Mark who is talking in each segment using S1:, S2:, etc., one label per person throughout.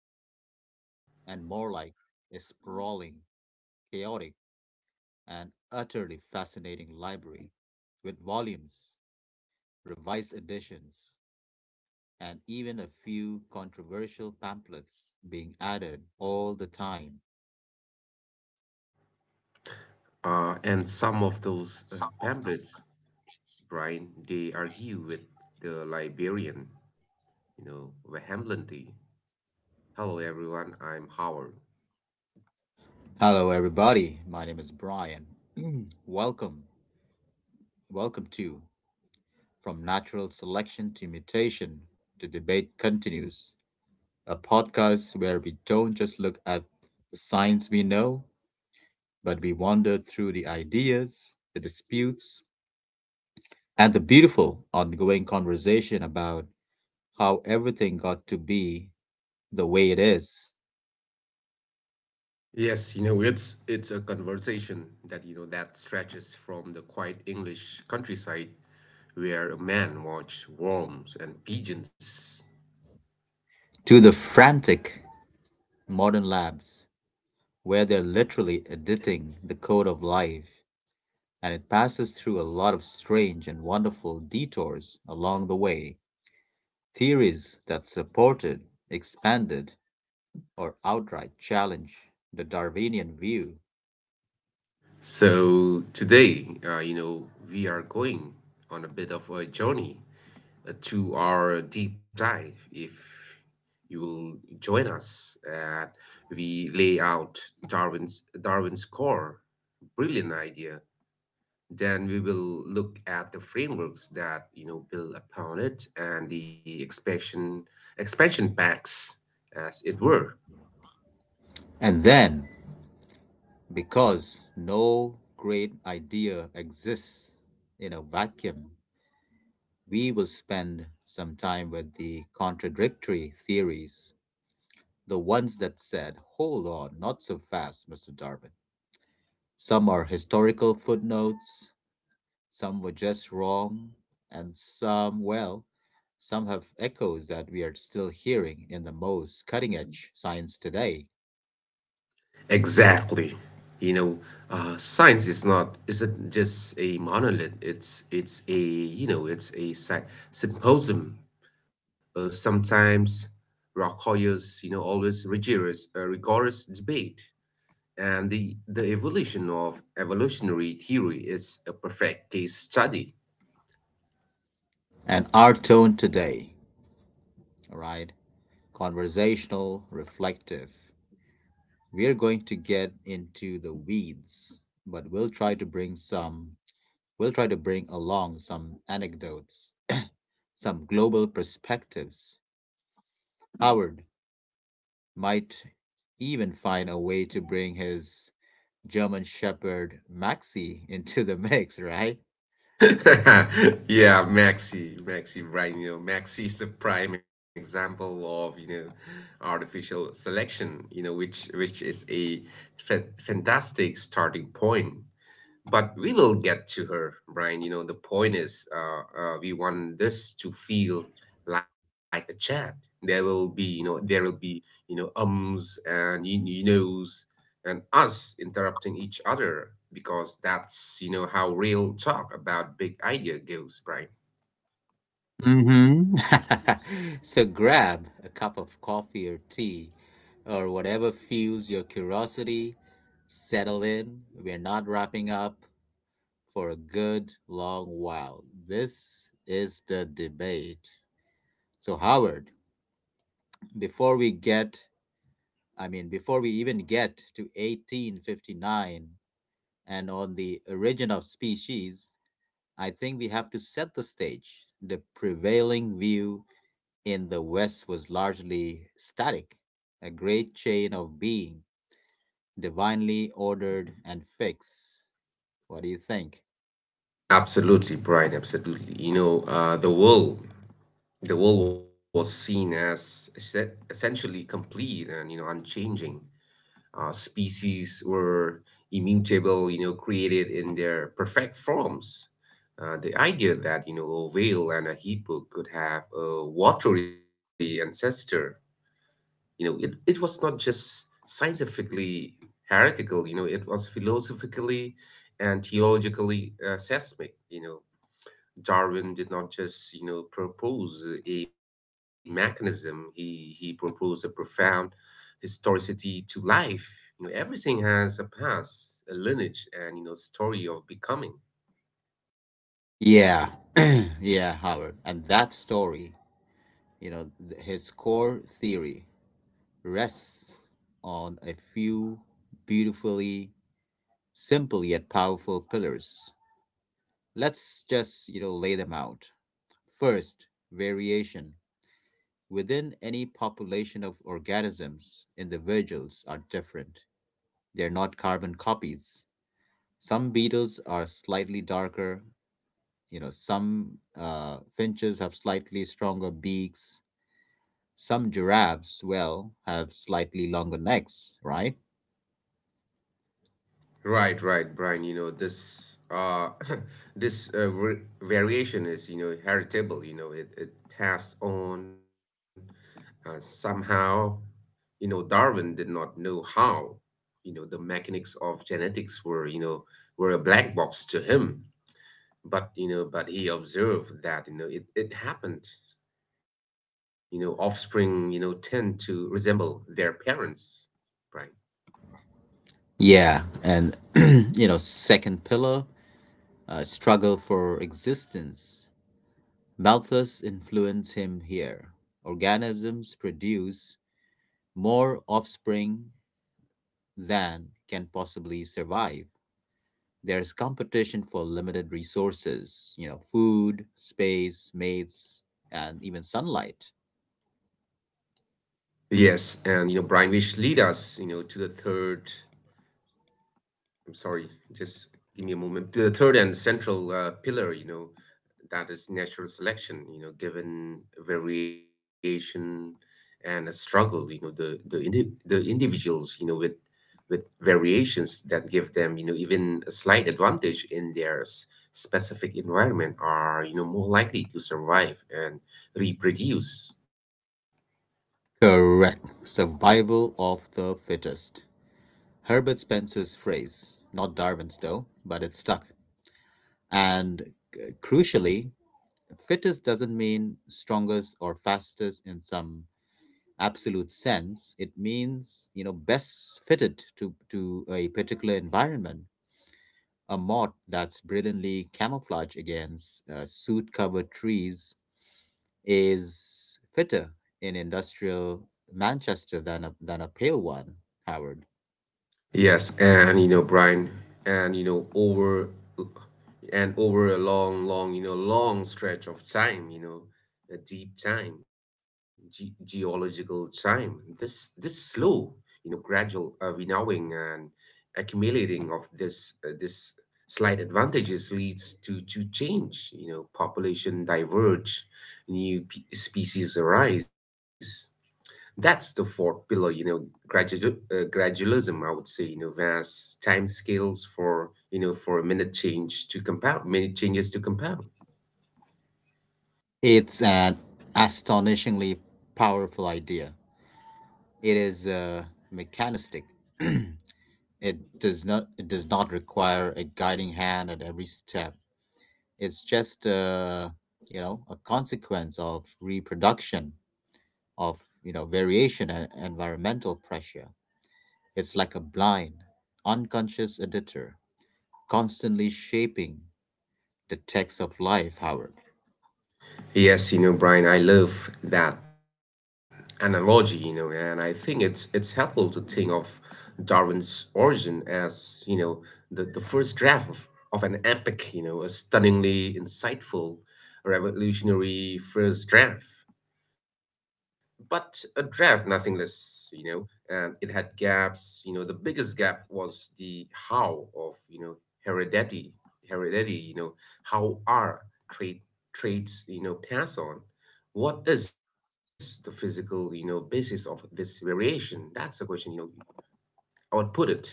S1: novel and more like a sprawling, chaotic, and utterly fascinating library with volumes, revised editions, and even a few controversial pamphlets being added all the time?
S2: And some of those pamphlets, Brian, they argue with the Liberian, vehemently. Hello, everyone. I'm Howard.
S1: Hello, everybody. My name is Brian. welcome, welcome to From Natural Selection to Mutation. The debate continues, a podcast where we don't just look at the science we know, but we wander through the ideas, the disputes, and the beautiful ongoing conversation about how everything got to be the way it is.
S2: Yes, it's a conversation that you know that stretches from the quiet English countryside, where a man watched worms and pigeons.
S1: To the frantic modern labs, where they're literally editing the code of life, and it passes through a lot of strange and wonderful detours along the way. Theories that supported, expanded, or outright challenged the Darwinian view.
S2: So today, we are going on a bit of a journey to our deep dive if you will join us and we lay out Darwin's core brilliant idea, then we will look at the frameworks that build upon it and the expansion packs, as it were.
S1: And then, because no great idea exists in a vacuum, we will spend some time with the contradictory theories, the ones that said, "Hold on, not so fast, Mr. Darwin." Some are historical footnotes, some were just wrong, and some, well, some have echoes that we are still hearing in the most cutting edge science today.
S2: Exactly. you know Science is not isn't just a monolith, it's a symposium, sometimes requires always rigorous rigorous debate, and the evolution of evolutionary theory is a perfect case study.
S1: And our tone today, all right, conversational, reflective. We are going to get into the weeds, but we'll try to bring along some anecdotes, some global perspectives. Howard might even find a way to bring his German Shepherd Maxi into the mix, right?
S2: Yeah, Maxi, right? You know, Maxi is a prime example of, you know, artificial selection, you know, which is a fantastic starting point, but we will get to her, Brian. You know, the point is, we want this to feel like a chat. There will be, you know, there will be, you know, ums and you knows and us interrupting each other because that's, you know, how real talk about big idea goes, Brian.
S1: Mm-hmm. So grab a cup of coffee or tea or whatever fuels your curiosity. Settle in. We're not wrapping up for a good long while. This is the debate. So, Howard, before we get, I mean, before we even get to 1859 and on the origin of species, I think we have to set the stage. The prevailing view in the West was largely static, a great chain of being, divinely ordered and fixed. What do you think?
S2: Absolutely, Brian. Absolutely. The world was seen as essentially complete and, you know, unchanging. Species were immutable, you know, created in their perfect forms. The idea that, you know, a whale and a hippo could have a watery ancestor, you know, it was not just scientifically heretical, you know, it was philosophically and theologically seismic. You know, Darwin did not just, you know, propose a mechanism. He proposed a profound historicity to life. You know, everything has a past, a lineage, and, you know, story of becoming.
S1: Yeah, yeah, Howard. And that story, you know, his core theory rests on a few beautifully simple yet powerful pillars. Let's just, you know, lay them out. First, variation. Within any population of organisms, individuals are different. They're not carbon copies. Some beetles are slightly darker, you know, some finches have slightly stronger beaks, some giraffes, well, have slightly longer necks, right?
S2: Right, right, Brian. You know, this this variation is, you know, heritable. You know, it passed on, somehow. You know, Darwin did not know how. You know, the mechanics of genetics were, you know, were a black box to him, but you know, but he observed that, you know, it happened. You know, offspring, you know, tend to resemble their parents, right?
S1: Yeah, and you know, second pillar, struggle for existence. Malthus influenced him here. Organisms produce more offspring than can possibly survive. There's competition for limited resources, you know, food, space, mates, and even sunlight.
S2: Yes, and you know, Brian, wish lead us, you know, to the third. I'm sorry, just give me a moment. To the third and central pillar, you know, that is natural selection. You know, given variation and a struggle, you know, the individuals, you know, with variations that give them, you know, even a slight advantage in their specific environment are, you know, more likely to survive and reproduce.
S1: Correct. Survival of the fittest. Herbert Spencer's phrase, not Darwin's though, but it's stuck. And crucially, fittest doesn't mean strongest or fastest in some absolute sense. It means, you know, best fitted to a particular environment. A moth that's brilliantly camouflaged against soot covered trees is fitter in industrial Manchester than than a pale one, Howard.
S2: Yes, and you know, Brian, and you know, over a long, long, you know, long stretch of time, you know, a deep time, geological time. This slow, you know, gradual winnowing and accumulating of this slight advantages leads to change. You know, population diverge, new species arise. That's the fourth pillar, you know, gradual gradualism, I would say, you know, vast time scales for, you know, for a minute change to compound, minute changes to compound.
S1: It's an astonishingly powerful idea. It is mechanistic. It does not require a guiding hand at every step. It's just you know, a consequence of reproduction, of you know, variation and environmental pressure. It's like a blind, unconscious editor, constantly shaping the text of life, Howard.
S2: Yes, you know, Brian, I love that analogy, you know, and I think it's helpful to think of Darwin's origin as, you know, the first draft of an epic, you know, a stunningly insightful revolutionary first draft, but a draft, nothing less, you know. And it had gaps. You know, the biggest gap was the how of, you know, heredity, heredity. You know, how are trait traits, you know, pass on? What is the physical, you know, basis of this variation? That's the question. You know, I would put it.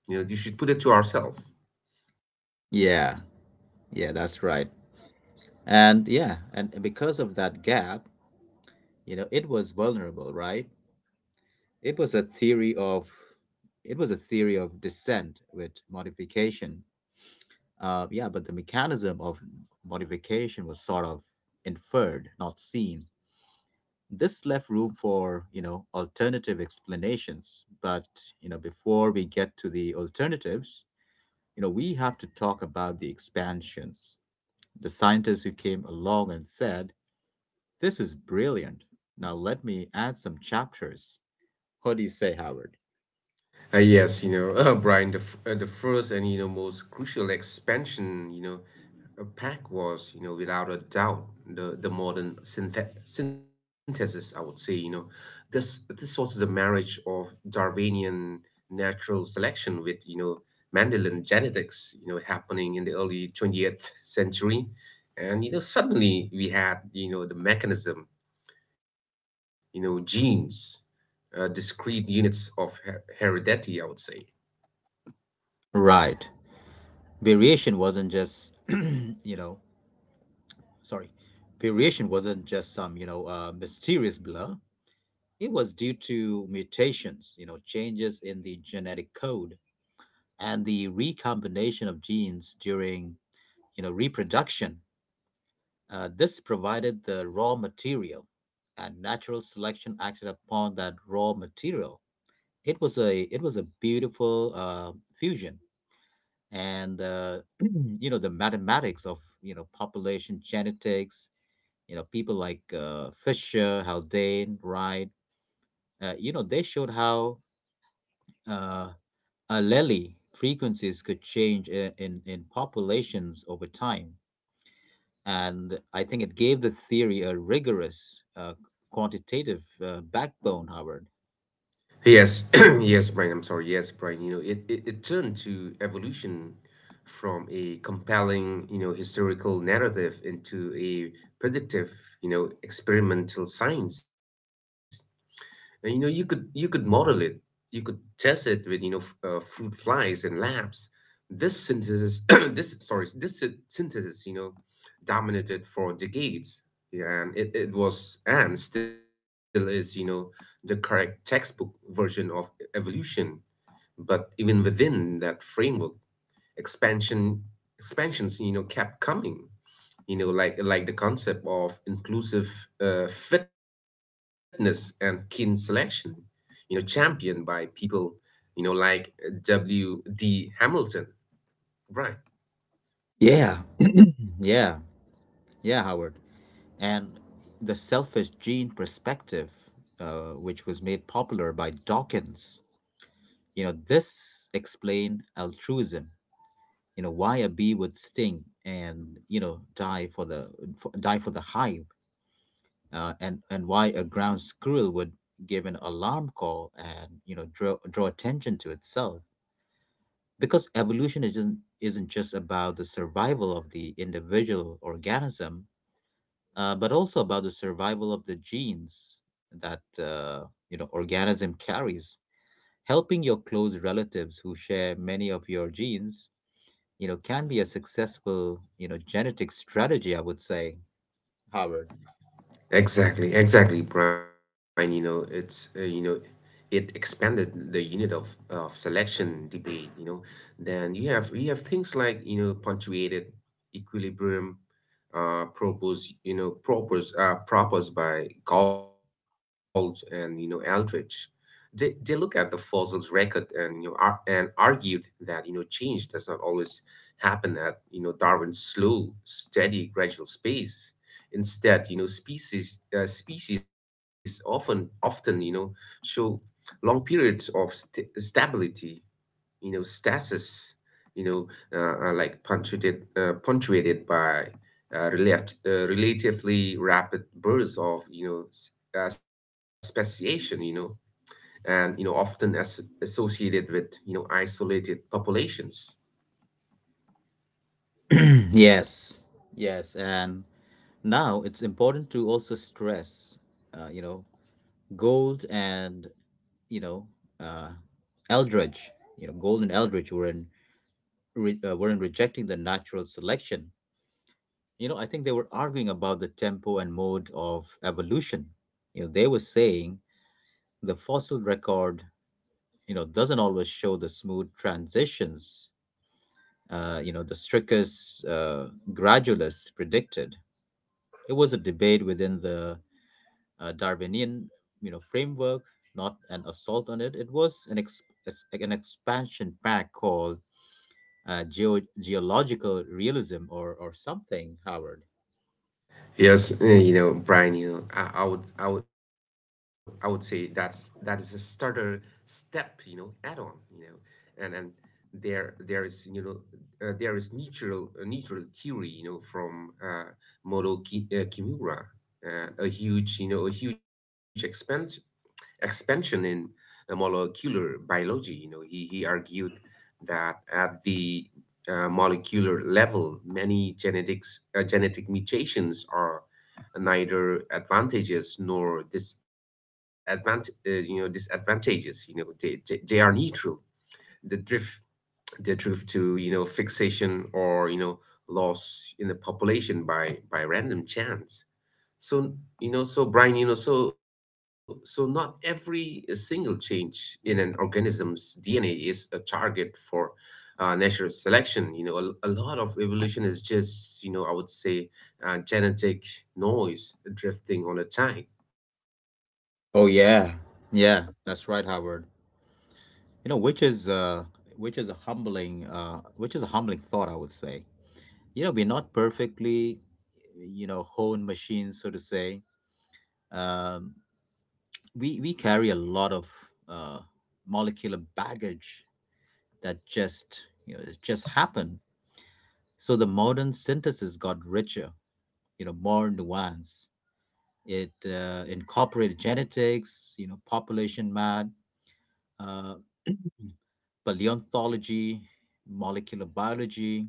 S2: You know, you should put it to ourselves.
S1: Yeah, yeah, that's right. And yeah, and because of that gap, you know, it was vulnerable, right? It was a theory of descent with modification. Yeah, but the mechanism of modification was sort of inferred, not seen. This left room for, you know, alternative explanations. But, you know, before we get to the alternatives, you know, we have to talk about the expansions. The scientists who came along and said, "This is brilliant. Now let me add some chapters." What do you say, Howard?
S2: Yes, you know, Brian, the first and, you know, most crucial expansion, you know, pack was, you know, without a doubt, the modern synthesis, I would say, you know. This was the marriage of Darwinian natural selection with, you know, Mendelian genetics, you know, happening in the early 20th century. And, you know, suddenly we had, you know, the mechanism, you know, genes, discrete units of heredity, I would say.
S1: Right. Variation wasn't just, you know, sorry. Variation wasn't just some, you know, mysterious blur. It was due to mutations, you know, changes in the genetic code and the recombination of genes during you know, reproduction. This provided the raw material, and natural selection acted upon that raw material. It was a beautiful fusion. And you know, the mathematics of you know, population genetics, you know, people like Fisher, Haldane, Wright, you know, they showed how uh, allele frequencies could change in populations over time. And I think it gave the theory a rigorous quantitative backbone, Howard.
S2: Yes, yes, Brian. I'm sorry. Yes, Brian. You know, it turned to evolution from a compelling, you know, historical narrative into a predictive, you know, experimental science. And, you know, you could model it. You could test it with, you know, fruit flies and labs. This synthesis, this synthesis, you know, dominated for decades. Yeah, and it was and still is, you know, the correct textbook version of evolution. But even within that framework, expansion expansions, you know, kept coming, you know, like the concept of inclusive fitness and kin selection, you know, championed by people, you know, like W D Hamilton, right?
S1: Yeah. Yeah, yeah, Howard. And the selfish gene perspective, which was made popular by Dawkins, you know, this explained altruism. You know, why a bee would sting and you know, die for the for the hive, and why a ground squirrel would give an alarm call and you know, draw attention to itself, because evolution isn't just about the survival of the individual organism, but also about the survival of the genes that you know, organism carries. Helping your close relatives who share many of your genes, you know, can be a successful you know, genetic strategy. I would say, Howard.
S2: Exactly, exactly, Brian. You know, it's it expanded the unit of selection debate. You know, then you have we have things like, you know, punctuated equilibrium, proposed by Gold and, you know, Eldridge. They look at the fossil's record and, you know, ar- and argued that, you know, change does not always happen at, you know, Darwin's slow, steady, gradual pace. Instead, you know, species often often, you know, show long periods of st stability, you know, stasis, you know, like punctuated by relatively rapid bursts of, you know, speciation, you know, and you know, often as associated with, you know, isolated populations.
S1: yes, yes, and now it's important to also stress, you know, Gold and you know uh, Eldridge, you know, Gold and Eldridge were in rejecting the natural selection. You know, I think they were arguing about the tempo and mode of evolution. You know, they were saying the fossil record, you know, doesn't always show the smooth transitions. You know, the strictest gradualists predicted. It was a debate within the Darwinian, you know, framework, not an assault on it. It was an like an expansion pack called geological realism or something, Howard.
S2: Yes, you know, Brian, you know, I would say that's that is a starter step, you know, add on, you know. And there there is, you know, there is neutral neutral theory, you know, from Moro Ki, Kimura, a huge, you know, a huge expense expansion in molecular biology. You know, he argued that at the molecular level, many genetic mutations are neither advantages nor you know, disadvantages. You know, they are neutral. The drift the drift to, you know, fixation or, you know, loss in the population by random chance. So, you know, so Brian, you know, so so not every single change in an organism's DNA is a target for natural selection. You know, a lot of evolution is just, you know, I would say genetic noise drifting on a tide.
S1: Oh yeah, yeah, that's right, Howard. You know, which is a humbling, which is a humbling thought, I would say. You know, we're not perfectly, you know, honed machines, so to say. Um, we carry a lot of uh, molecular baggage that just you know, it just happened. So the modern synthesis got richer, you know, more nuanced. It incorporated genetics, you know, population math, uh, paleontology, molecular biology,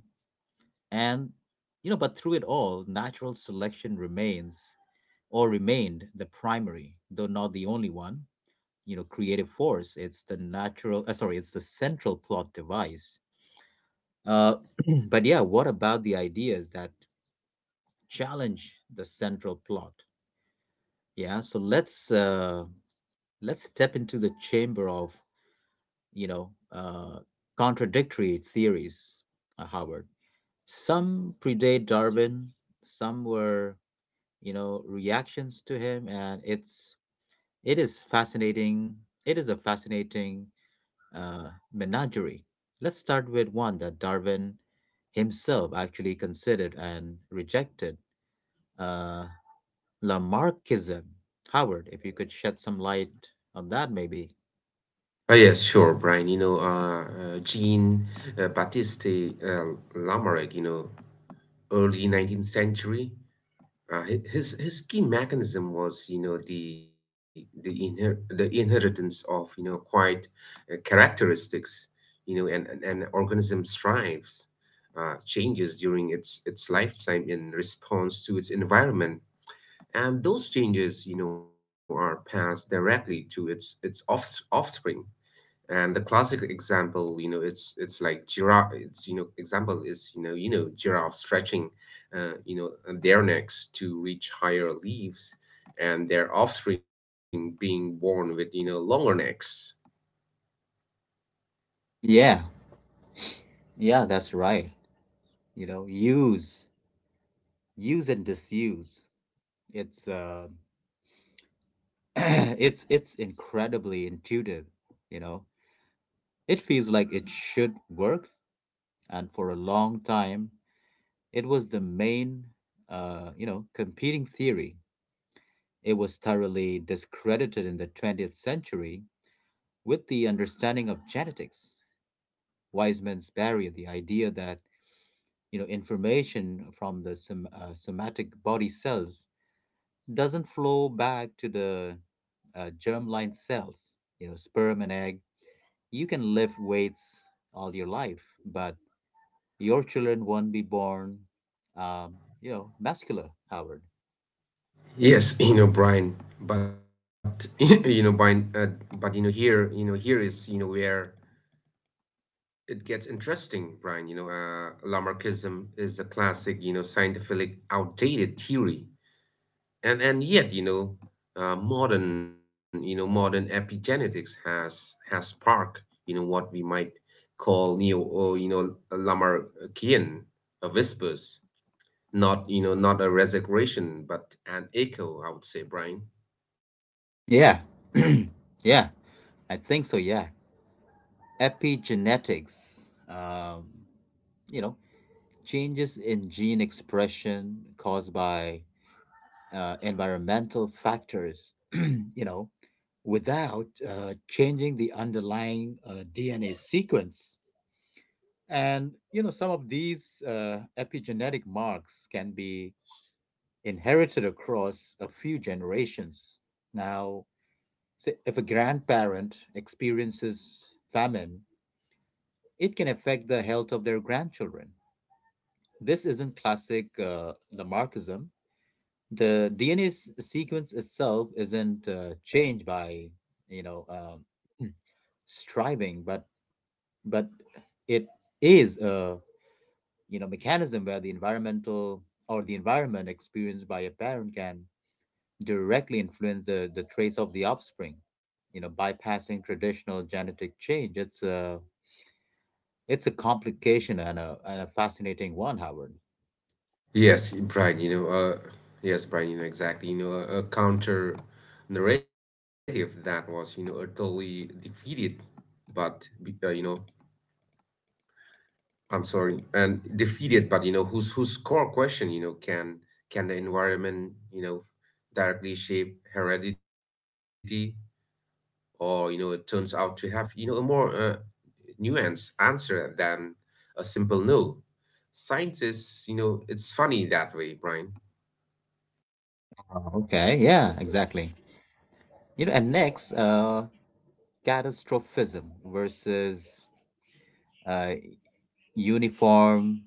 S1: and you know, but through it all, natural selection remains or remained the primary, though not the only one, you know, creative force. It's the natural sorry it's the central plot device. uh, but yeah, what about the ideas that challenge the central plot? Yeah, so let's step into the chamber of you know, contradictory theories, Howard. Some predate Darwin, some were you know, reactions to him, and it is fascinating. It is a fascinating menagerie. Let's start with one that Darwin himself actually considered and rejected, uh, Lamarckism. Howard, if you could shed some light on that, maybe.
S2: Oh, yes, sure, Brian. You know, Jean Baptiste Lamarck, you know, early 19th century. His key mechanism was, you know, the inher the inheritance of, you know, quite characteristics, you know, and organism strives, changes during its lifetime in response to its environment, and those changes, you know, are passed directly to its offspring. And the classic example, you know, it's like giraffe. It's, you know, example is, you know, giraffe stretching, you know, their necks to reach higher leaves, and their offspring being born with, you know, longer necks.
S1: Yeah, yeah, that's right. You know, use and disuse. It's it's incredibly intuitive. You know, it feels like it should work, and for a long time, it was the main, you know, competing theory. It was thoroughly discredited in the 20th century with the understanding of genetics. Weismann's barrier, the idea that you know, information from the somatic body cells doesn't flow back to the germline cells, you know, sperm and egg. You can lift weights all your life, but your children won't be born, um, you know, muscular, Howard.
S2: Yes, you know, Brian, but you know, Brian, but you know, here is, you know, where it gets interesting, Brian. You know, Lamarckism is a classic, you know, scientific outdated theory, and yet, you know, modern you know, modern epigenetics has sparked, you know, what we might call neo or, you know, Lamarckian whispers, not, you know, not a resurrection but an echo, I would say, Brian.
S1: Yeah. yeah. I think so. Yeah. Epigenetics, um, you know, changes in gene expression caused by environmental factors, you know, without changing the underlying DNA sequence. And, you know, some of these epigenetic marks can be inherited across a few generations. Now, say if a grandparent experiences famine, it can affect the health of their grandchildren. This isn't classic Lamarckism. The DNA sequence itself isn't changed by, you know, hmm, striving, but it is a you know, mechanism where the environmental or the environment experienced by a parent can directly influence the traits of the offspring. You know, bypassing traditional genetic change. It's a complication and a fascinating one, Howard.
S2: Yes, Brian, you know, yes, Brian, you know, exactly, you know, a counter narrative that was, you know, utterly defeated, but you know, I'm sorry, and defeated, but you know, whose core question, you know, can the environment, you know, directly shape heredity, or you know, it turns out to have, you know, a more nuanced answer than a simple no. Science is, you know, it's funny that way, Brian.
S1: Oh, okay, yeah, exactly. You know, and next, catastrophism versus uh, uniform,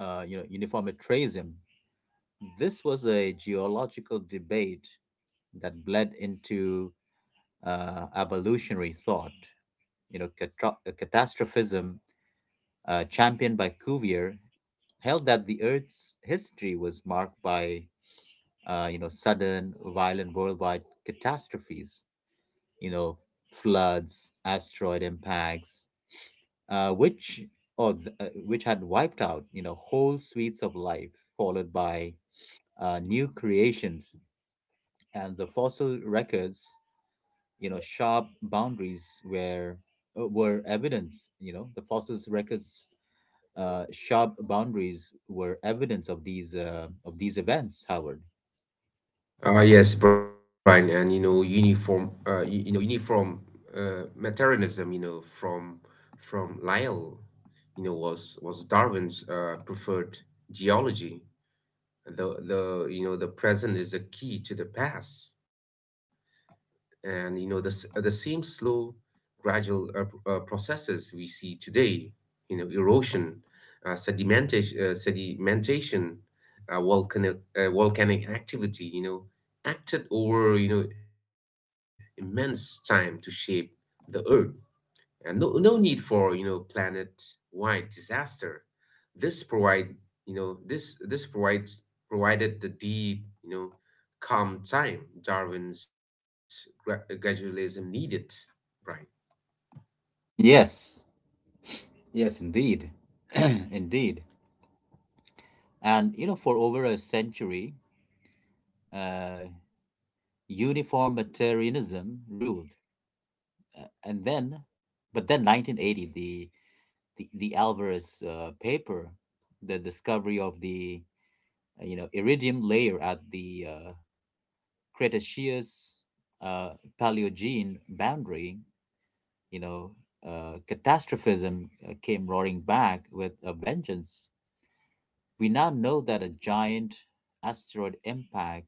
S1: you know, uniformitarianism. This was a geological debate that bled into evolutionary thought. You know, catastrophism championed by Cuvier, held that the Earth's history was marked by you know, sudden, violent worldwide catastrophes, you know, floods, asteroid impacts, uh, which which had wiped out you know, whole suites of life, followed by new creations and the fossil records. You know, sharp boundaries where were evidence. You know, the fossils records sharp boundaries were evidence of these events, Howard.
S2: Yes, Brian, and you know, you know, uniform materialism, you know, from Lyell, you know, was Darwin's preferred geology. The you know, the present is the key to the past, and you know, the same slow, gradual processes we see today. You know, erosion, sedimentation, volcanic activity. Acted over immense time to shape the earth, and no need for planet wide disaster. This provide you know this this provides provided the deep, calm time Darwin's gradualism needed, Brian.
S1: Yes, yes, indeed. Indeed. And you know, for over a century, uh, uniformitarianism ruled. Uh, and then, but then 1980, the Alvarez paper, the discovery of the you know iridium layer at the Cretaceous uh, Paleogene boundary, you know, catastrophism came roaring back with a vengeance. We now know that a giant asteroid impact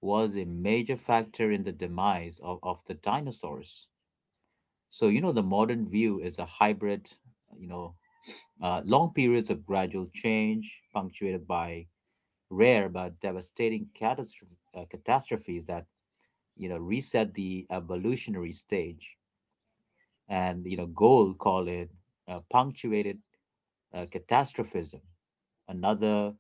S1: was a major factor in the demise of the dinosaurs. So, you know, the modern view is a hybrid, you know, long periods of gradual change punctuated by rare but devastating catastrophes that, you know, reset the evolutionary stage and, you know, Gold call it punctuated catastrophism, another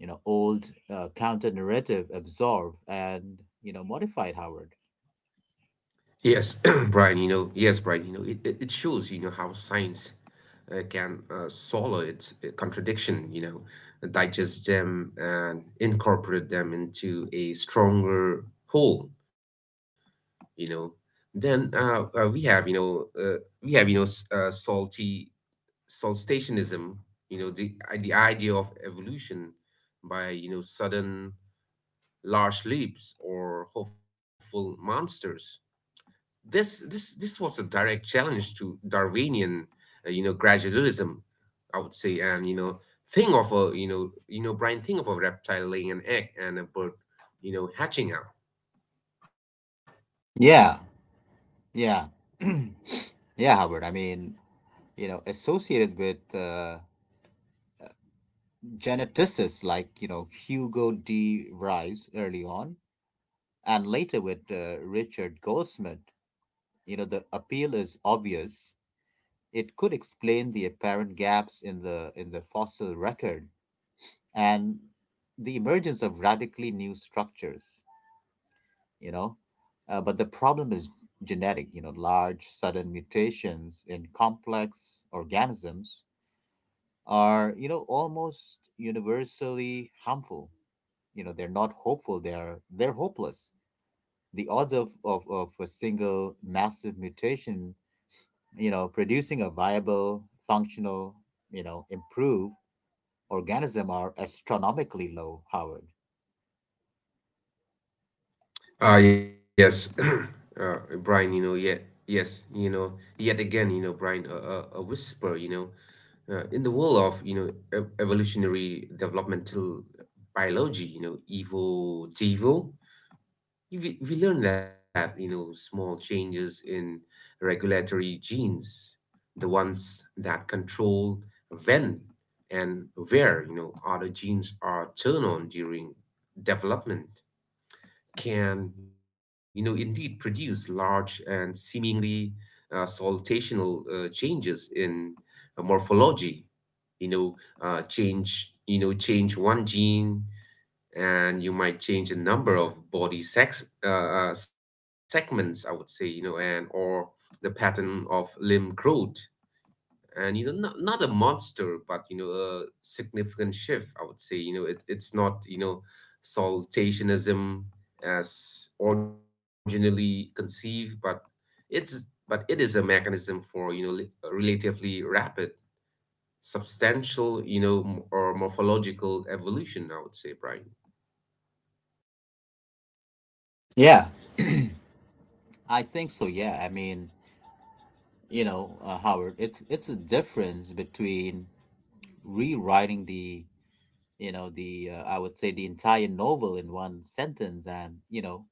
S1: you know old counter narrative absorbed and you know modified, Howard.
S2: Yes, Brian, yes, Brian, it shows how science can swallow its contradiction, digest them and incorporate them into a stronger whole. you know then we have you know we have you know s- salty solstationism, the idea of evolution by sudden large leaps or hopeful monsters. This was a direct challenge to Darwinian gradualism, I would say. And you know think of a you know Brian, think of a reptile laying an egg and a bird hatching out.
S1: Yeah, yeah, yeah, Howard. I mean, you know, associated with geneticists like you know Hugo D. Rives early on, and later with Richard Goldsmith. You know, the appeal is obvious. It could explain the apparent gaps in the fossil record and the emergence of radically new structures, you know. But the problem is genetic, you know, large sudden mutations in complex organisms are, you know, almost universally harmful. You know, they're not hopeful, they're hopeless. The odds of a single massive mutation, you know, producing a viable, functional, you know, improve. Organisms are astronomically low, Howard.
S2: Ah, yes. Uh, Brian, yes, yet again, Brian, a whisper, in the world of evolutionary developmental biology, evo, devo, we learn that small changes in regulatory genes, the ones that control when and where other genes are turned on during development, can indeed produce large and seemingly salutational changes in morphology. You know, Change one gene, and you might change a number of body sex segments, I would say, and or the pattern of limb growth, and not a monster but a significant shift, I would say. It's not saltationism as originally conceived, but it's it is a mechanism for relatively rapid substantial you know m- or morphological evolution, I would say, Brian.
S1: Yeah, I think so. Yeah, I mean, you know, Howard, it's a difference between rewriting the, you know, the I would say the entire novel in one sentence and, you know,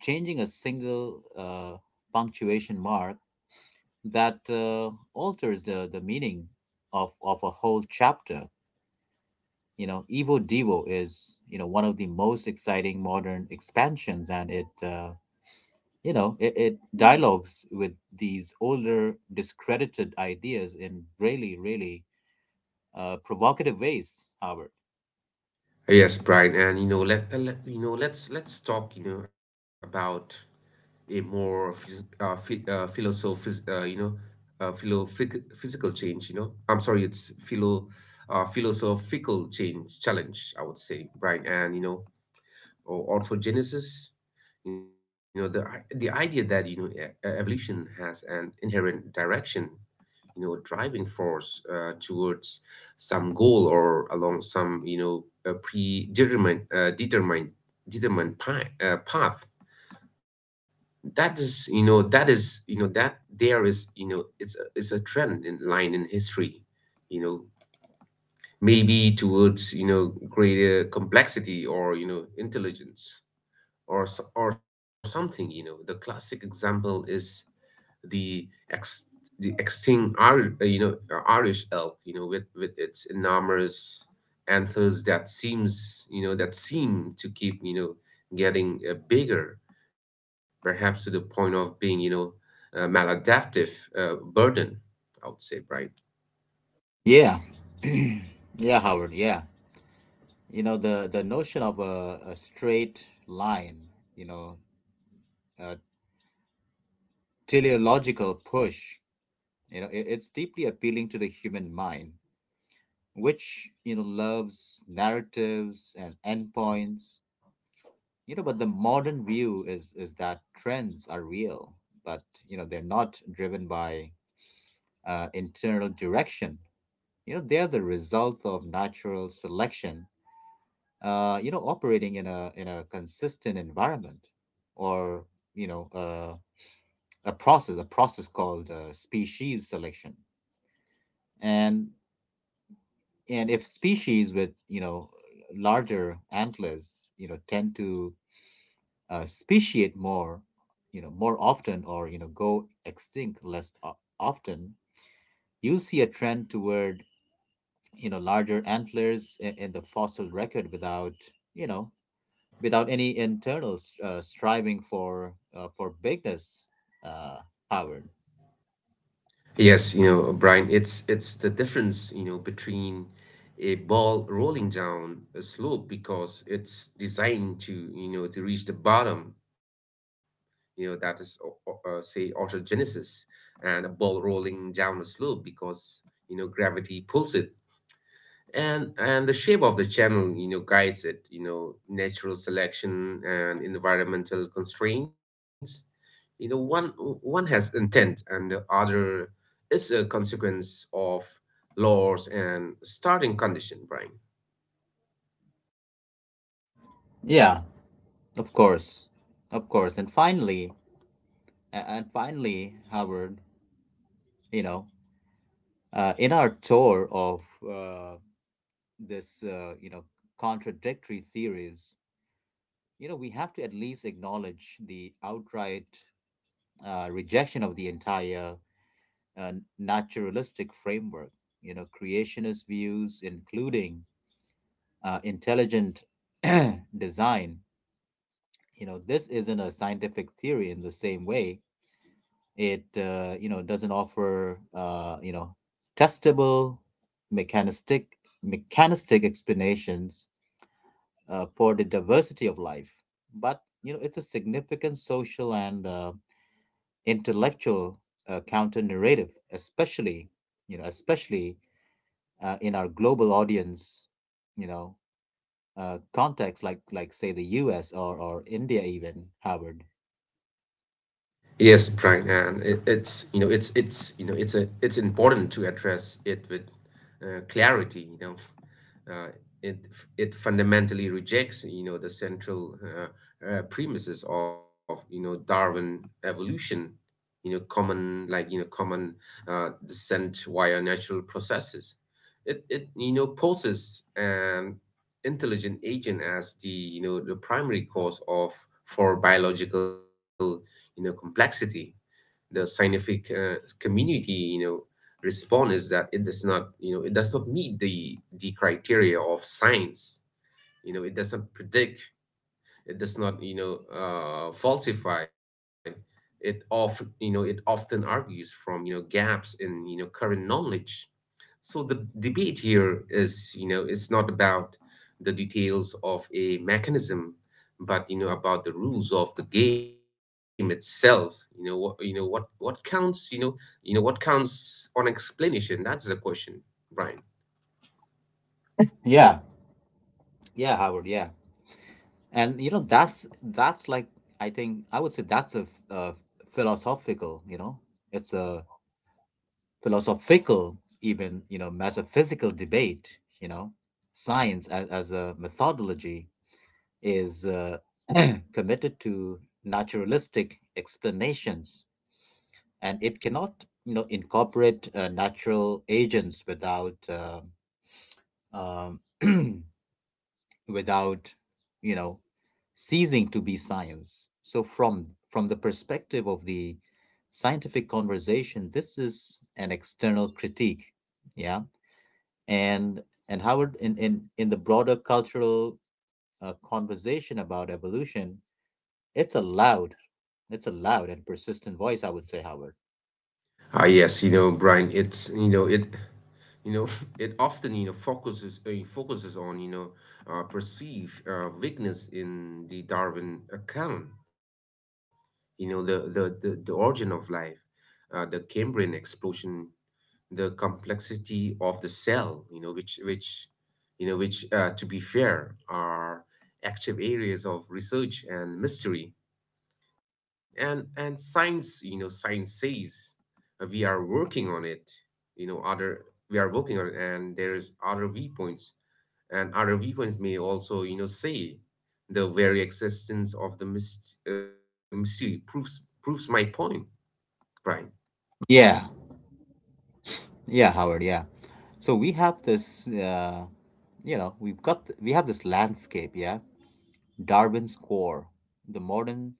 S1: changing a single punctuation mark that alters the meaning of a whole chapter. You know, Evo Devo is, you know, one of the most exciting modern expansions and it, you know, it dialogues with these older discredited ideas in really, really provocative ways, Howard.
S2: Yes, Brian, and you know let, let you know let's talk about a more phys phi philosoph you know philo phy- physical change. I'm sorry, it's philosophical change challenge, I would say, Brian, and you know or orthogenesis, the idea that evolution has an inherent direction, a driving force towards some goal or along some, a predetermined determined determined path, that there is it's a trend in line in history, you know maybe towards greater complexity or intelligence or something. The classic example is the ex the extinct Irish elk with its enormous antlers, that seem to keep getting bigger, perhaps to the point of being maladaptive burden, I would say, Brian.
S1: Yeah. Yeah, Howard, yeah. You know, the notion of a straight line, you know, a teleological push, you know, it's deeply appealing to the human mind, which you know loves narratives and endpoints. You know, but the modern view is that trends are real, but you know they're not driven by internal direction. You know, they're the result of natural selection, you know, operating in a consistent environment, or you know a process, a process called species selection. and and if species with you know larger antlers you know tend to speciate more, you know more often, or you know go extinct less o- often, you'll see a trend toward you know larger antlers in the fossil record without you know without any internal striving for bigness, uh, Howard.
S2: Yes, Brian, it's the difference between a ball rolling down a slope because it's designed to reach the bottom, you know that is o- say autogenesis, and a ball rolling down a slope because gravity pulls it, and the shape of the channel guides it, natural selection and environmental constraints. you know one one has intent and the other is a consequence of laws and starting condition, Brian.
S1: Yeah, of course, of course. And finally Howard, you know, in our tour of uh, this, you know, contradictory theories, you know, we have to at least acknowledge the outright rejection of the entire uh, naturalistic framework. You know, creationist views, including intelligent design. You know, this isn't a scientific theory in the same way. It, you know, doesn't offer, you know, testable mechanistic mechanistic explanations for the diversity of life, but you know it's a significant social and intellectual counter narrative, especially you know especially in our global audience, you know context like say the U.S. Or India, even Howard.
S2: Yes, Brian, and it, it's you know it's you know it's a it's important to address it with clarity. Uh, it it fundamentally rejects the central premises of Darwin evolution. Common, common descent via natural processes. It poses an intelligent agent as the, the primary cause of, for biological complexity. The scientific community respond is that it does not, meet the criteria of science. It doesn't predict, it does not falsify it, of, it often argues from gaps in current knowledge. So the debate here is, it's not about the details of a mechanism, but about the rules of the game itself. What counts. What counts on explanation. That's the question, Brian.
S1: Yeah. Yeah, Howard. Yeah, and you know that's like I think I would say that's a philosophical. You know, it's a philosophical, even, you know, metaphysical debate, you know, science as a methodology is committed to naturalistic explanations, and it cannot, you know, incorporate natural agents without, um, without, you know, ceasing to be science. So from the perspective of the scientific conversation, this is an external critique, yeah. and and Howard, in the broader cultural conversation about evolution, it's a loud, it's a loud and persistent voice, I would say, Howard.
S2: Ah, yes, Brian. It's you know it you know It often focuses on perceived weakness in the Darwin account. The origin of life, the Cambrian explosion, the complexity of the cell, which you know which to be fair, are active areas of research and mystery. And science, science says we are working on it. You know other We are working on it, and there's other viewpoints, and other viewpoints may also say the very existence of the mystery proves my point, Brian.
S1: Yeah, yeah, Howard, yeah. So we have this you know, we have this landscape, yeah. Darwin's core, the modern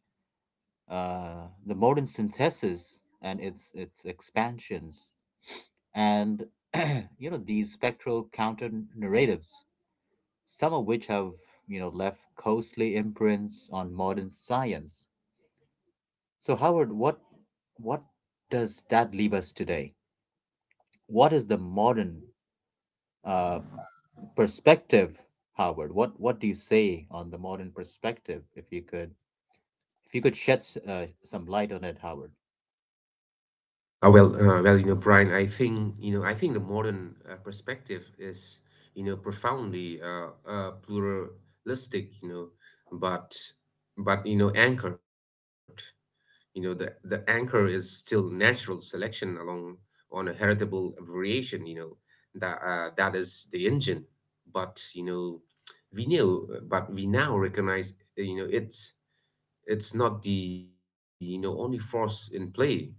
S1: the modern synthesis and its expansions, and you know these spectral counter narratives, some of which have you know left costly imprints on modern science. So Howard, what does that leave us today? What is the modern uh, perspective, Howard? What do you say on the modern perspective? If you could, if you could shed some light on it, Howard.
S2: Oh, well, Brian, I think the modern perspective is profoundly pluralistic, but anchored. The anchor is still natural selection along, on a heritable variation. That is the engine, but we now recognize it's not the only force in play.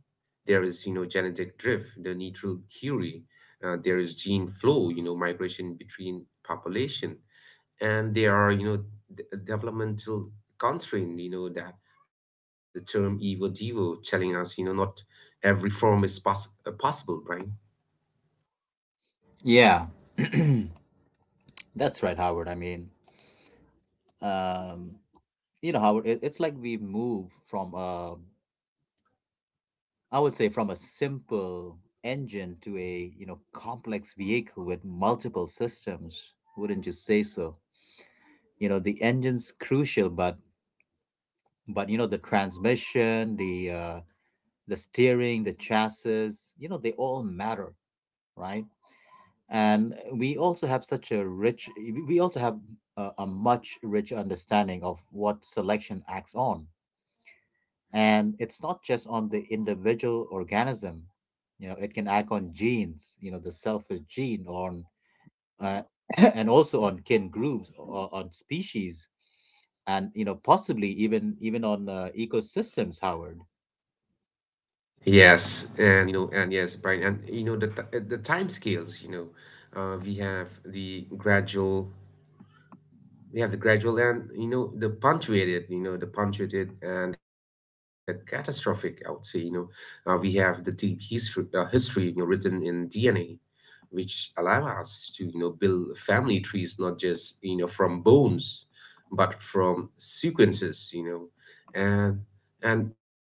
S2: There is genetic drift, the neutral theory. There is gene flow, migration between population, and there are developmental constraint, you know that the term evo devo telling us not every form is possible, right?
S1: Yeah, that's right, Howard. I mean, um, you know, Howard, it's like we move from a, I would say from a simple engine to a you know complex vehicle with multiple systems. Wouldn't you say so? You know the engine's crucial, but you know the transmission, the steering, the chassis, you know they all matter, right? And we also have such a rich, we also have a much richer understanding of what selection acts on, and it's not just on the individual organism. You know, it can act on genes, you know the selfish gene, on uh, and also on kin groups or on species, and you know possibly even on ecosystems, Howard.
S2: Yes, and you know, and yes, Brian, and you know the t- the time scales. Uh, we have the gradual we have the gradual and the punctuated and the catastrophic, I would say. We have the deep history written in DNA, which allow us to build family trees, not just from bones, but from sequences. you know and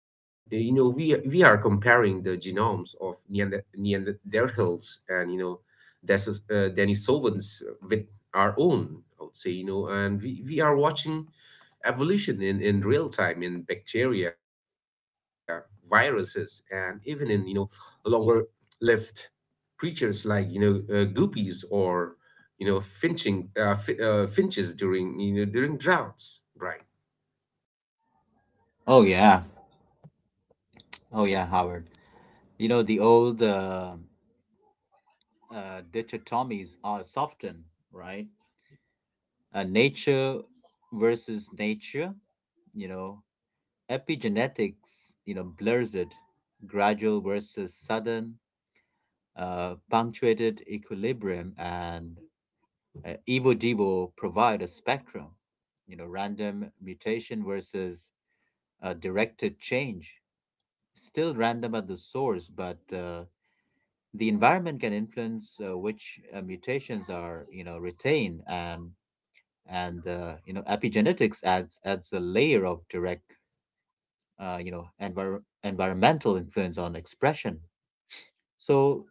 S2: and you know we are comparing the genomes of Neanderthals and Denisovans with our own, I would say. And we are watching evolution in real time, in bacteria, viruses, and even in longer lived creatures like guppies, or finches during you know during droughts, right?
S1: Oh yeah, oh yeah, Howard. You know, the old dichotomies are softened, right? Nature versus nature, you know epigenetics you know blurs it. Gradual versus sudden, punctuated equilibrium and evo devo provide a spectrum. You know random mutation versus directed change, still random at the source but the environment can influence which mutations are you know retained, and you know epigenetics adds a layer of direct you know environmental influence on expression. So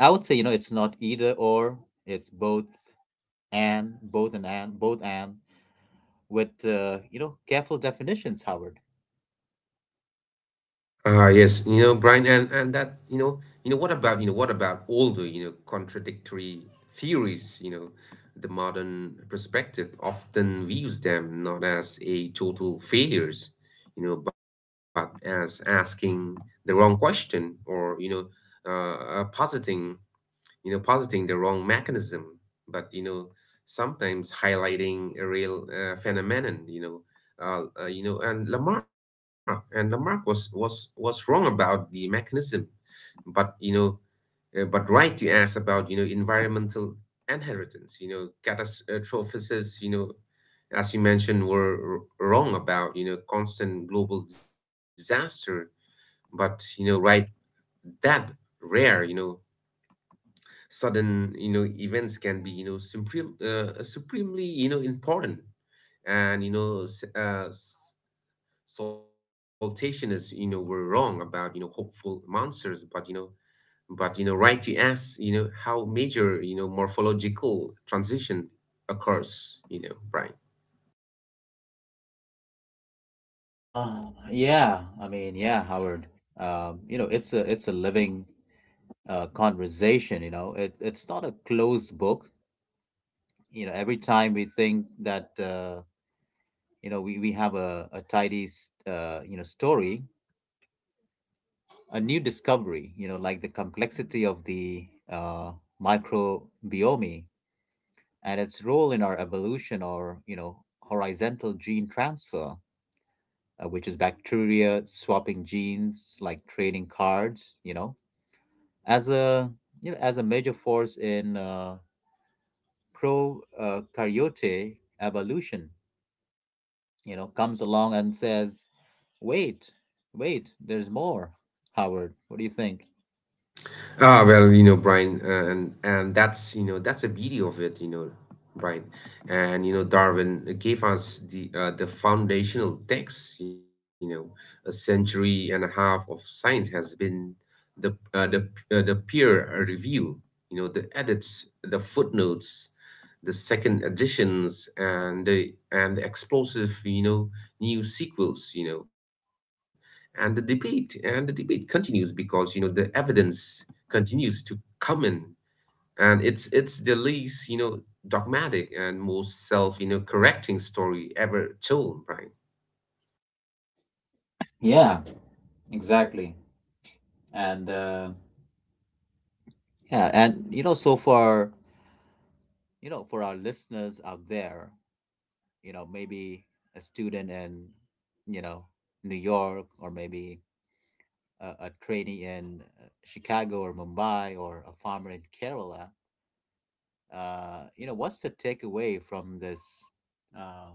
S1: I would say you know it's not either or, it's both and, both and both and, with you know careful definitions, Howard.
S2: Ah, yes, Brian, and that, what about all the contradictory theories. The modern perspective often views them not as a total failures, but as asking the wrong question, or uh, uh, positing positing the wrong mechanism, but sometimes highlighting a real phenomenon. You know, and Lamarck was wrong about the mechanism, but but right to ask about environmental inheritance. Catastrophicists, as you mentioned, were wrong about constant global disaster, but right that rare. Sudden events can be supremely important, and saltationists were wrong about hopeful monsters, but right to ask how major morphological transition occurs, Brian.
S1: Uh yeah, I mean, yeah, Howard, you know, it's a living conversation, you know, it's not a closed book. You know, every time we think that you know, we have a, a tidy you know story, a new discovery, you know like the complexity of the microbiome and its role in our evolution, or you know horizontal gene transfer, which is bacteria swapping genes like trading cards, you know, as a, you know as a major force in pro karyote evolution, you know comes along and says, wait, wait, there's more. Howard, what do you think?
S2: Ah, well, Brian, and that's you know that's the beauty of it, Brian, and Darwin gave us the foundational text. A century and a half of science has been the uh, the the peer review. The edits, the footnotes, the second editions, and the explosive, new sequels. And the debate continues, because the evidence continues to come in, and it's the least dogmatic and most self correcting story ever told, Brian.
S1: Yeah, exactly. And yeah, and you know so for you know for our listeners out there, you know maybe a student in you know New York, or maybe a trainee in Chicago or Mumbai, or a farmer in Kerala, you know, what's the takeaway uh,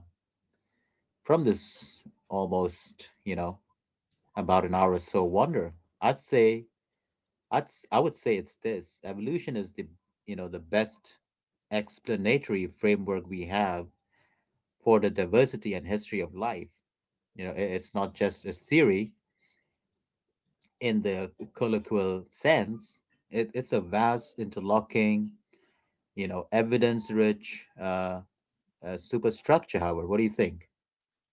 S1: from this almost, you know, about an hour or so wonder? I'd say, I would say it's this: evolution is the, you know, the best explanatory framework we have for the diversity and history of life. You know, it's not just a theory in the colloquial sense. It, it's a vast interlocking, you know, evidence rich superstructure, Howard. What do you think?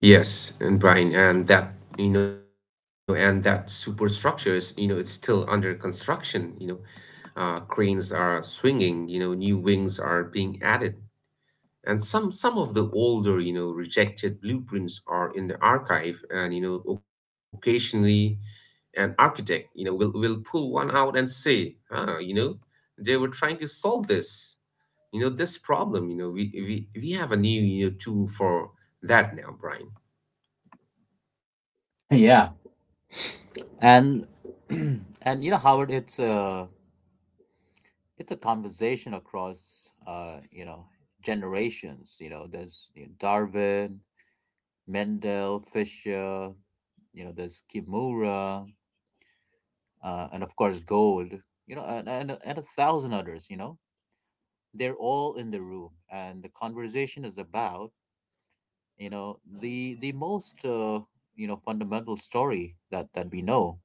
S2: Yes, and Brian, and that superstructure is it's still under construction. Cranes are swinging, new wings are being added, and some of the older rejected blueprints are in the archive, and occasionally an architect will pull one out and say, ah, they were trying to solve this, this problem. We have a new tool for that now, Brian.
S1: Yeah. And and you know, Howard, it's a, it's a conversation across you know generations. You know, there's you know Darwin, Mendel, Fisher. You know, there's Kimura, and of course Gold. You know, and a thousand others. You know, they're all in the room, and the conversation is about you know the most you know fundamental story that that we know,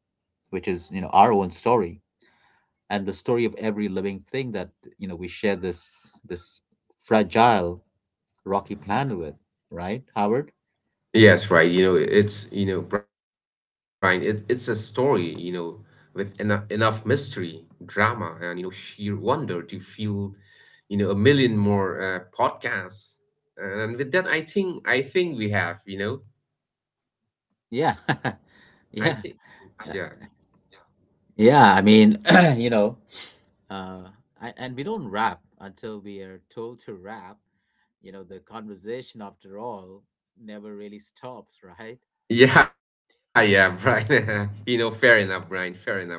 S1: which is you know our own story and the story of every living thing that you know we share this fragile rocky planet with, right Howard?
S2: Yes, right. Brian, it's a story, with enough mystery, drama, and sheer wonder to fuel a million more podcasts. And with that, I think we have,
S1: Yeah,
S2: I think,
S1: yeah.
S2: yeah.
S1: Uh, yeah, I mean you know, uh and we don't rap until we are told to rap. You know, the conversation, after all, never really stops right?
S2: Yeah, Brian. You know, fair enough, Brian. Fair enough, Brian.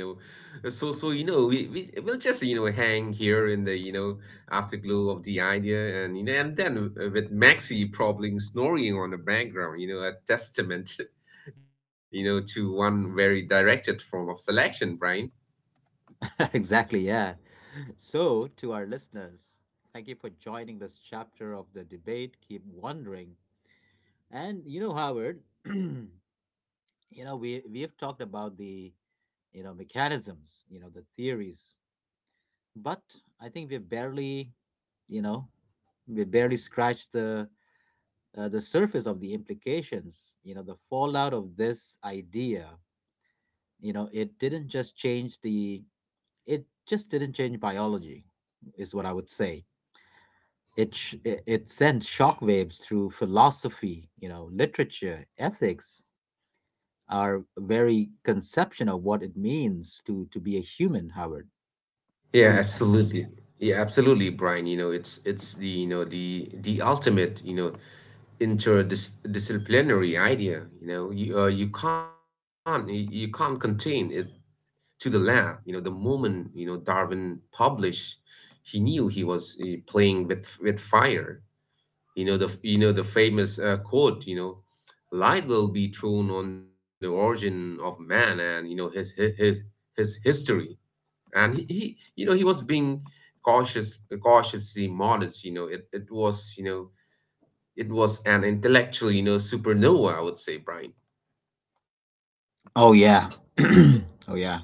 S2: So you know, we'll just you know hang here in the you know afterglow of the idea, and you know, and then with Maxi probably snoring on the background, you know, a testament, you know, to one very directed form of selection, Brian.
S1: Exactly, yeah. So, to our listeners, thank you for joining this chapter of the debate. Keep wondering. And you know, Howard, you know, we have talked about the, you know, mechanisms, you know, the theories, but I think we've barely, you know, we barely scratched the surface of the implications, you know, the fallout of this idea. You know, it didn't just change the, it just didn't change biology, is what I would say. It, it it sends shockwaves through philosophy, you know, literature, ethics, our very conception of what it means to be a human, Howard. What do
S2: Yeah,
S1: you think?
S2: absolutely. Yeah, absolutely, Brian. You know, it's the you know the ultimate you know interdisciplinary idea you know you can't you can't contain it to the lab. You know the moment, you know, Darwin published, he knew he was playing with fire. You know the you know the famous quote, you know, light will be thrown on the origin of man, and you know his history. And he you know he was being cautious, cautiously modest. You know it was you know it was an intellectual, you know, supernova, I would say, Brian.
S1: Oh yeah. Oh yeah.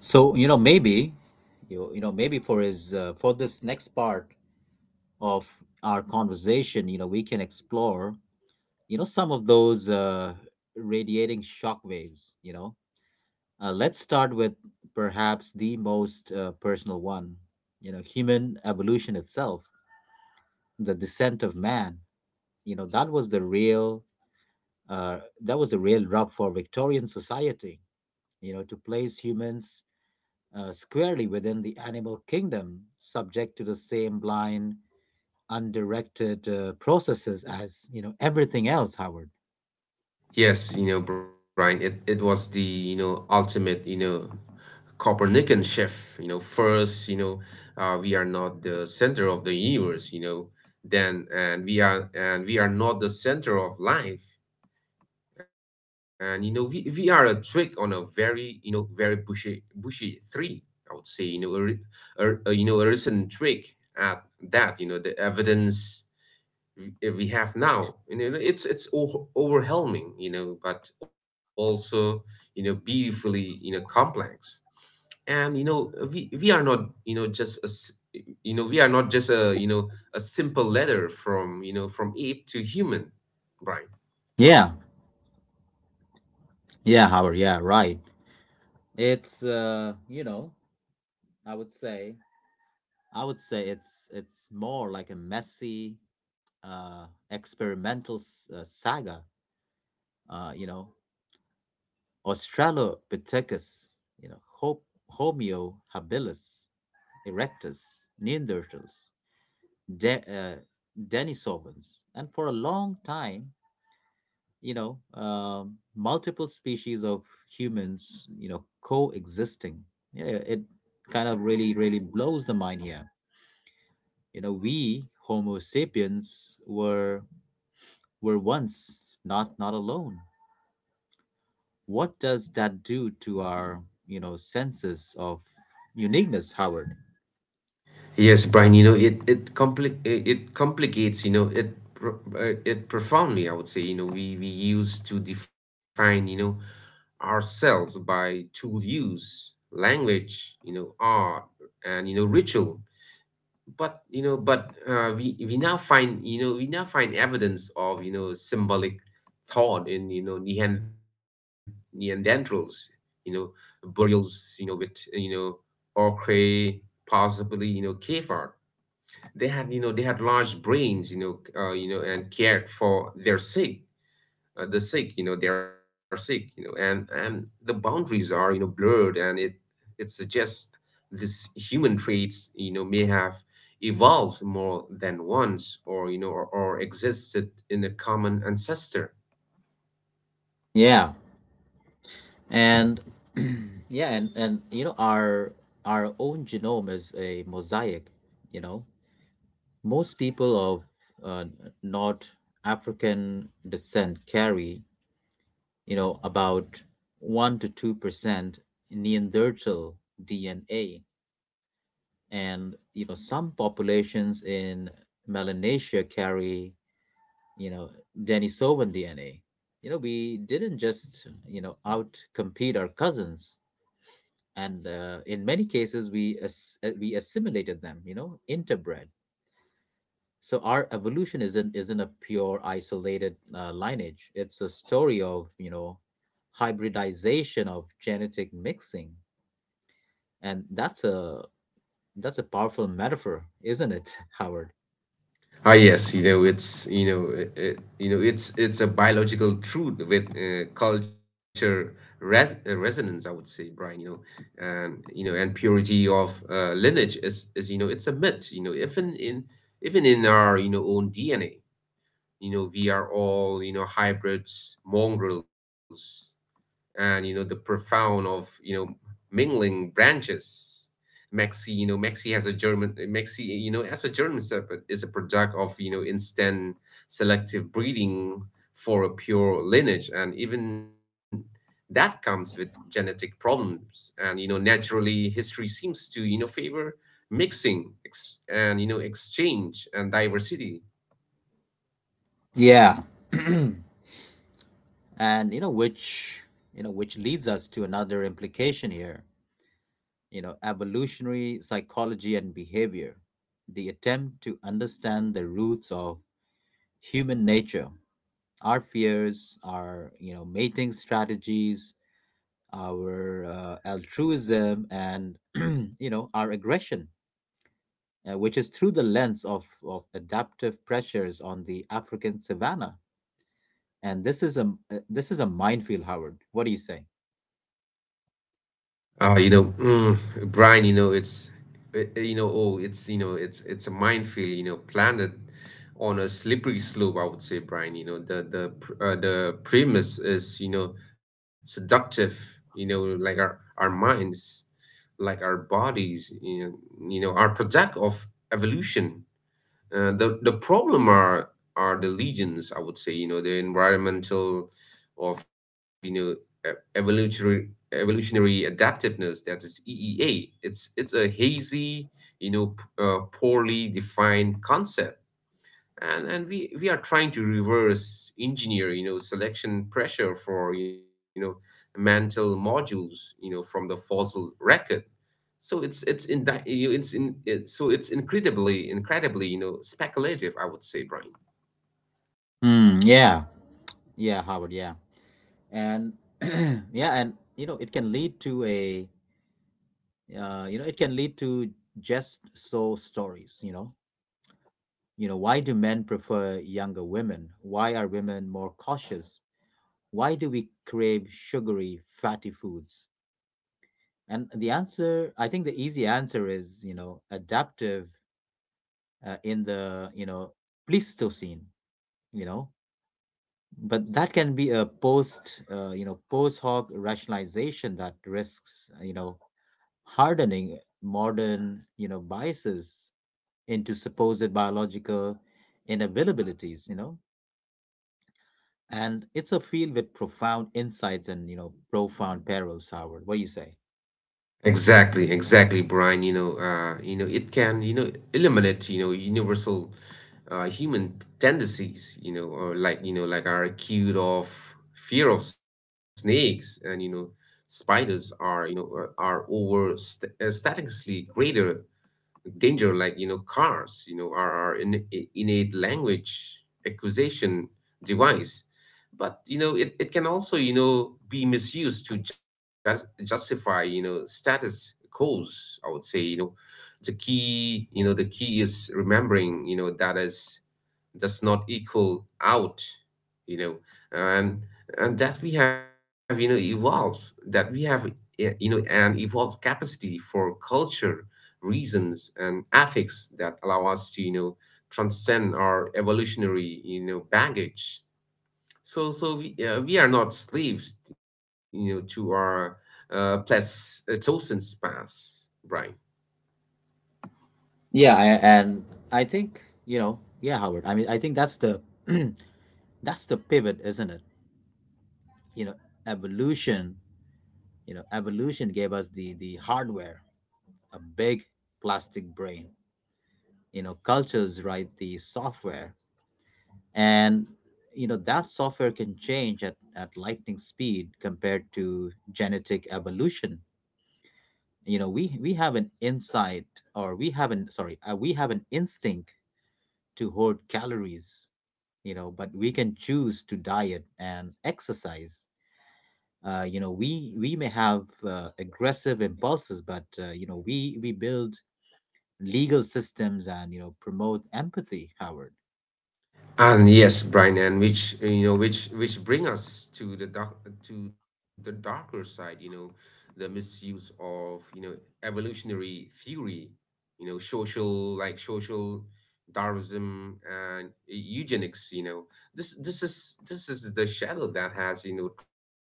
S1: So, maybe maybe for his for this next part of our conversation, you know, we can explore, you know, some of those radiating shockwaves, you know, let's start with perhaps the most personal one, you know, human evolution itself, the descent of man. You know, that was the real. Uh, that was the real rub for Victorian society, you know, to place humans squarely within the animal kingdom, subject to the same blind, undirected processes as, you know, everything else, Howard.
S2: Yes, you know, Brian, it was the, you know, ultimate, you know, Copernican shift, you know, first, you know, we are not the center of the universe, you know, then and we are not the center of life. And you know, we are a twig on a very, you know, very bushy tree, I would say, you know, a you know, a recent twig at that, you know, the evidence we have now. You know, it's overwhelming, you know, but also you know beautifully you know complex. And you know, we are not you know just you know we are not just a you know a simple letter from you know from ape to human, Brian.
S1: Yeah, yeah, Howard. Yeah, right. It's You know, I would say I would say it's more like a messy, saga. You know, Australopithecus, you know, Homo habilis erectus, Neanderthals, De- uh, Denisovans, and for a long time, you know, multiple species of humans, you know, coexisting. Yeah, it kind of really, really blows the mind here. You know, we Homo sapiens were once not alone. What does that do to our, you know, senses of uniqueness, Howard?
S2: Yes, Brian. You know, it complicates. You know, it profoundly, I would say. You know, we use to define. You know, ourselves by tool use, language, you know, art, and you know, ritual. But you know, but we now find evidence of you know symbolic thought in you know Neanderthals, you know, burials, you know, with you know ochre, possibly you know cave art. They had large brains, you know, and cared for their sick, the sick you know they are sick. You know, and the boundaries are you know blurred, and it suggests this human traits you know may have evolved more than once, or you know or existed in a common ancestor.
S1: Yeah, and yeah, and you know, our own genome is a mosaic. You know, most people of uh, North African descent carry, you know, about 1 to 2% Neanderthal DNA. And you know some populations in Melanesia carry, you know, Denisovan DNA. You know, we didn't just, you know, outcompete our cousins, and in many cases we we assimilated them, you know, interbred. So our evolution isn't a pure isolated lineage. It's a story of, you know, hybridization, of genetic mixing, and that's a powerful metaphor, isn't it, Howard?
S2: Ah, yes, you know, it's you know, you know, it's a biological truth with culture resonance, I would say, Brian. You know, and purity of lineage is you know, it's a myth. You know, even in our you know own DNA, you know, we are all you know hybrids, mongrels, and you know the profound of you know mingling branches. Maxi, has a German, Maxi, you know, as a German Shepherd is a product of, you know, instant selective breeding for a pure lineage. And even that comes with genetic problems. And, you know, naturally history seems to, you know, favor mixing and, you know, exchange and diversity.
S1: Yeah. And you know which leads us to another implication here, you know, evolutionary psychology and behavior. The attempt to understand the roots of human nature, our fears, our, you know, mating strategies, our altruism and you know our aggression, which is through the lens of adaptive pressures on the African savanna. And this is a minefield, Howard. What do you say?
S2: Uh, you know, mm, Brian, you know, you know, it's a minefield, you know, planted on a slippery slope, I would say, Brian. You know, the premise is, you know, seductive, you know, like our minds, like our bodies, you know, are product of evolution. The problem are the legions, I would say. You know, the environmental of you know evolutionary evolutionary adaptiveness, that is EEA. It's a hazy, you know, poorly defined concept, and we are trying to reverse engineer, you know, selection pressure for you know mantle modules, you know, from the fossil record. So it's in it, so it's incredibly you know speculative, I would say, Brian.
S1: Mm, yeah, yeah, Howard, yeah, and yeah, and you know, it can lead to a, you know, it can lead to just so stories. You know, why do men prefer younger women? Why are women more cautious? Why do we crave sugary, fatty foods? And the answer, I think, the easy answer is, you know, adaptive in the, you know, Pleistocene. You know, but that can be a post you know, post hoc rationalization that risks you know, hardening modern, you know, biases into supposed biological inabilities, you know. And it's a field with profound insights and, you know, profound perils, Howard. What do you say?
S2: Exactly, exactly, Brian. You know it can you know eliminate you know universal human tendencies. You know, or like you know like our acute of fear of snakes, and you know spiders are you know are over statistically greater danger like you know cars. You know, are our innate language accusation device. But you know it can also you know be misused to just justify you know status quos, I would say. You know the key is remembering, you know, that is does not equal out, you know, and and that we have you know evolved that we have you know an evolved capacity for culture, reasons, and ethics that allow us to you know transcend our evolutionary you know baggage. So we are not slaves you know to our plus chosen past, right?
S1: Yeah. I think, you know, yeah, Howard, I mean, I think that's the that's the pivot, isn't it? You know, evolution you know, evolution gave us the hardware, a big plastic brain. You know, cultures write the software, and you know that software can change at lightning speed compared to genetic evolution. You know, we have an insight, or we have an sorry, we have an instinct to hoard calories. You know, but we can choose to diet and exercise. You know, we may have aggressive impulses, but you know, we build legal systems and, you know, promote empathy, Howard.
S2: And yes, Brian, and which you know, which bring us to the dark, to the darker side, you know, the misuse of you know evolutionary theory, you know, social like social Darwinism and eugenics. You know, this is the shadow that has you know trailed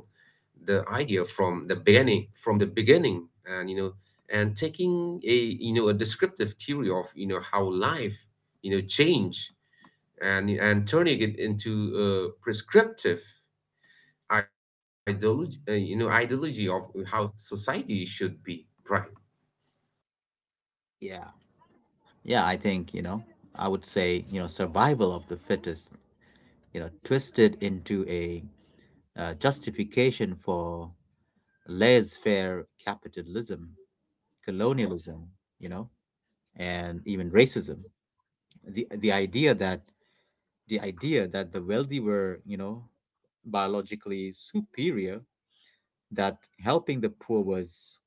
S2: the idea from the beginning, and you know, and taking a you know a descriptive theory of you know how life you know change, and turning it into a prescriptive ideology, you know, ideology of how society should be, right?
S1: Yeah, yeah, I think you know I would say you know survival of the fittest you know twisted into a justification for laissez-faire capitalism colonialism you know and even racism the idea that the idea that the wealthy were you know biologically superior that helping the poor was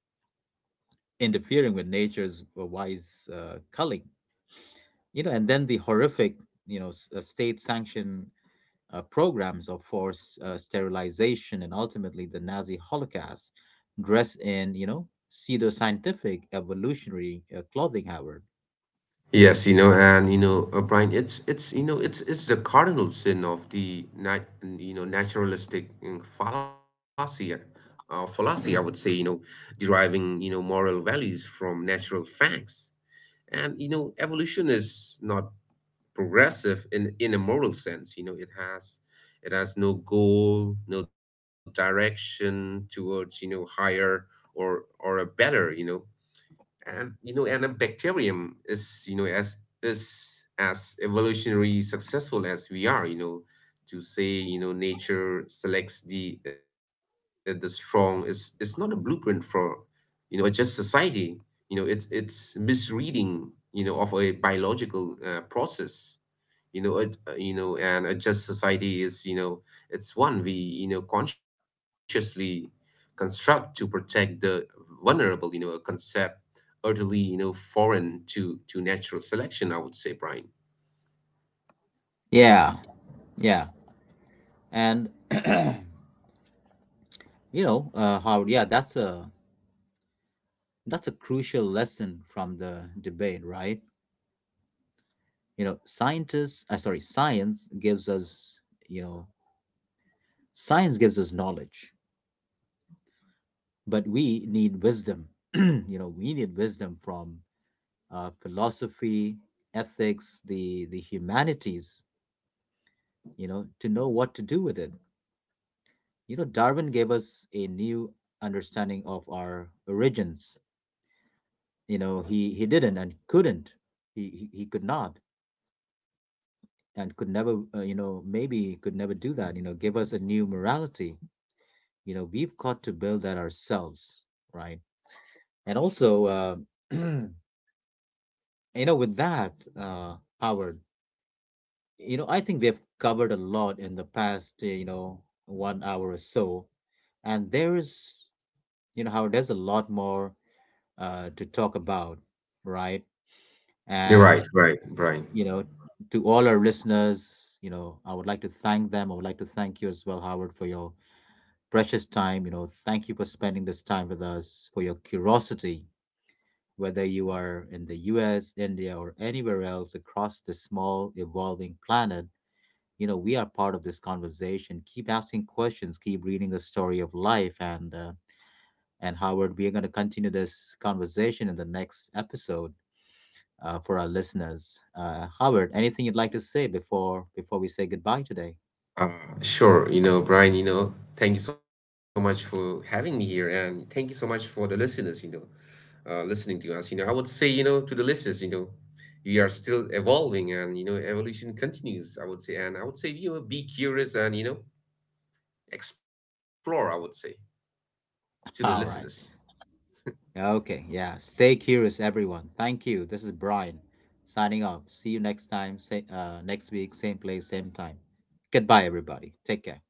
S1: interfering with nature's wise culling you know, and then the horrific, you know, state sanctioned programs of forced sterilization and ultimately the Nazi Holocaust, dressed in, you know, pseudo scientific evolutionary clothing, Howard.
S2: Yes, you know, and you know, Brian, it's you know, it's the cardinal sin of the nat you know naturalistic fallacy, I would say, you know, deriving you know moral values from natural facts. And you know, evolution is not progressive in a moral sense. You know it has, it has no goal, no direction towards you know higher or a better, you know. And you know, and a bacterium is you know as is as evolutionary successful as we are, you know. To say, you know, nature selects the strong is not a blueprint for you know a just society. You know, it's misreading, you know, of a biological process, you know. You know, and a just society is you know it's one we you know consciously construct to protect the vulnerable, you know, a concept utterly you know foreign to natural selection, I would say, Brian.
S1: Yeah, yeah, and you know, Howard. Yeah, that's a crucial lesson from the debate, right? Science gives us, you know, science gives us knowledge, but we need wisdom. You know, we need wisdom from philosophy, ethics, the humanities. You know, to know what to do with it. You know, Darwin gave us a new understanding of our origins. You know, he didn't and couldn't. He could not and could never. You know, maybe could never do that. You know, give us a new morality. You know, we've got to build that ourselves, right? And also, you know, with that, Howard, you know, I think we've covered a lot in the past, you know, 1 hour or so. And there is, you know, how there's a lot more to talk about, right?
S2: You're
S1: And,
S2: right, Brian.
S1: you know, to all our listeners, you know, I would like to thank them. I would like to thank you as well, Howard, for your precious time. You know, thank you for spending this time with us, for your curiosity, whether you are in the US, India, or anywhere else across the small, evolving planet, you know, we are part of. This conversation, keep asking questions, keep reading the story of life, and Howard, we are going to continue this conversation in the next episode. For our listeners, Howard, anything you'd like to say before we say goodbye today?
S2: Uh, sure, you know, Brian, you know, thank you so much for having me here, and thank you so much for the listeners, you know, listening to us. You know, I would say, you know, to the listeners, you know, we are still evolving, and you know, evolution continues, I would say. And I would say, you know, be curious and you know, explore, I would say, to the listeners.
S1: All right, okay, yeah, stay curious, everyone. Thank you. This is Brian signing off. See you next time. Next week, same place, same time. Goodbye, everybody. Take care.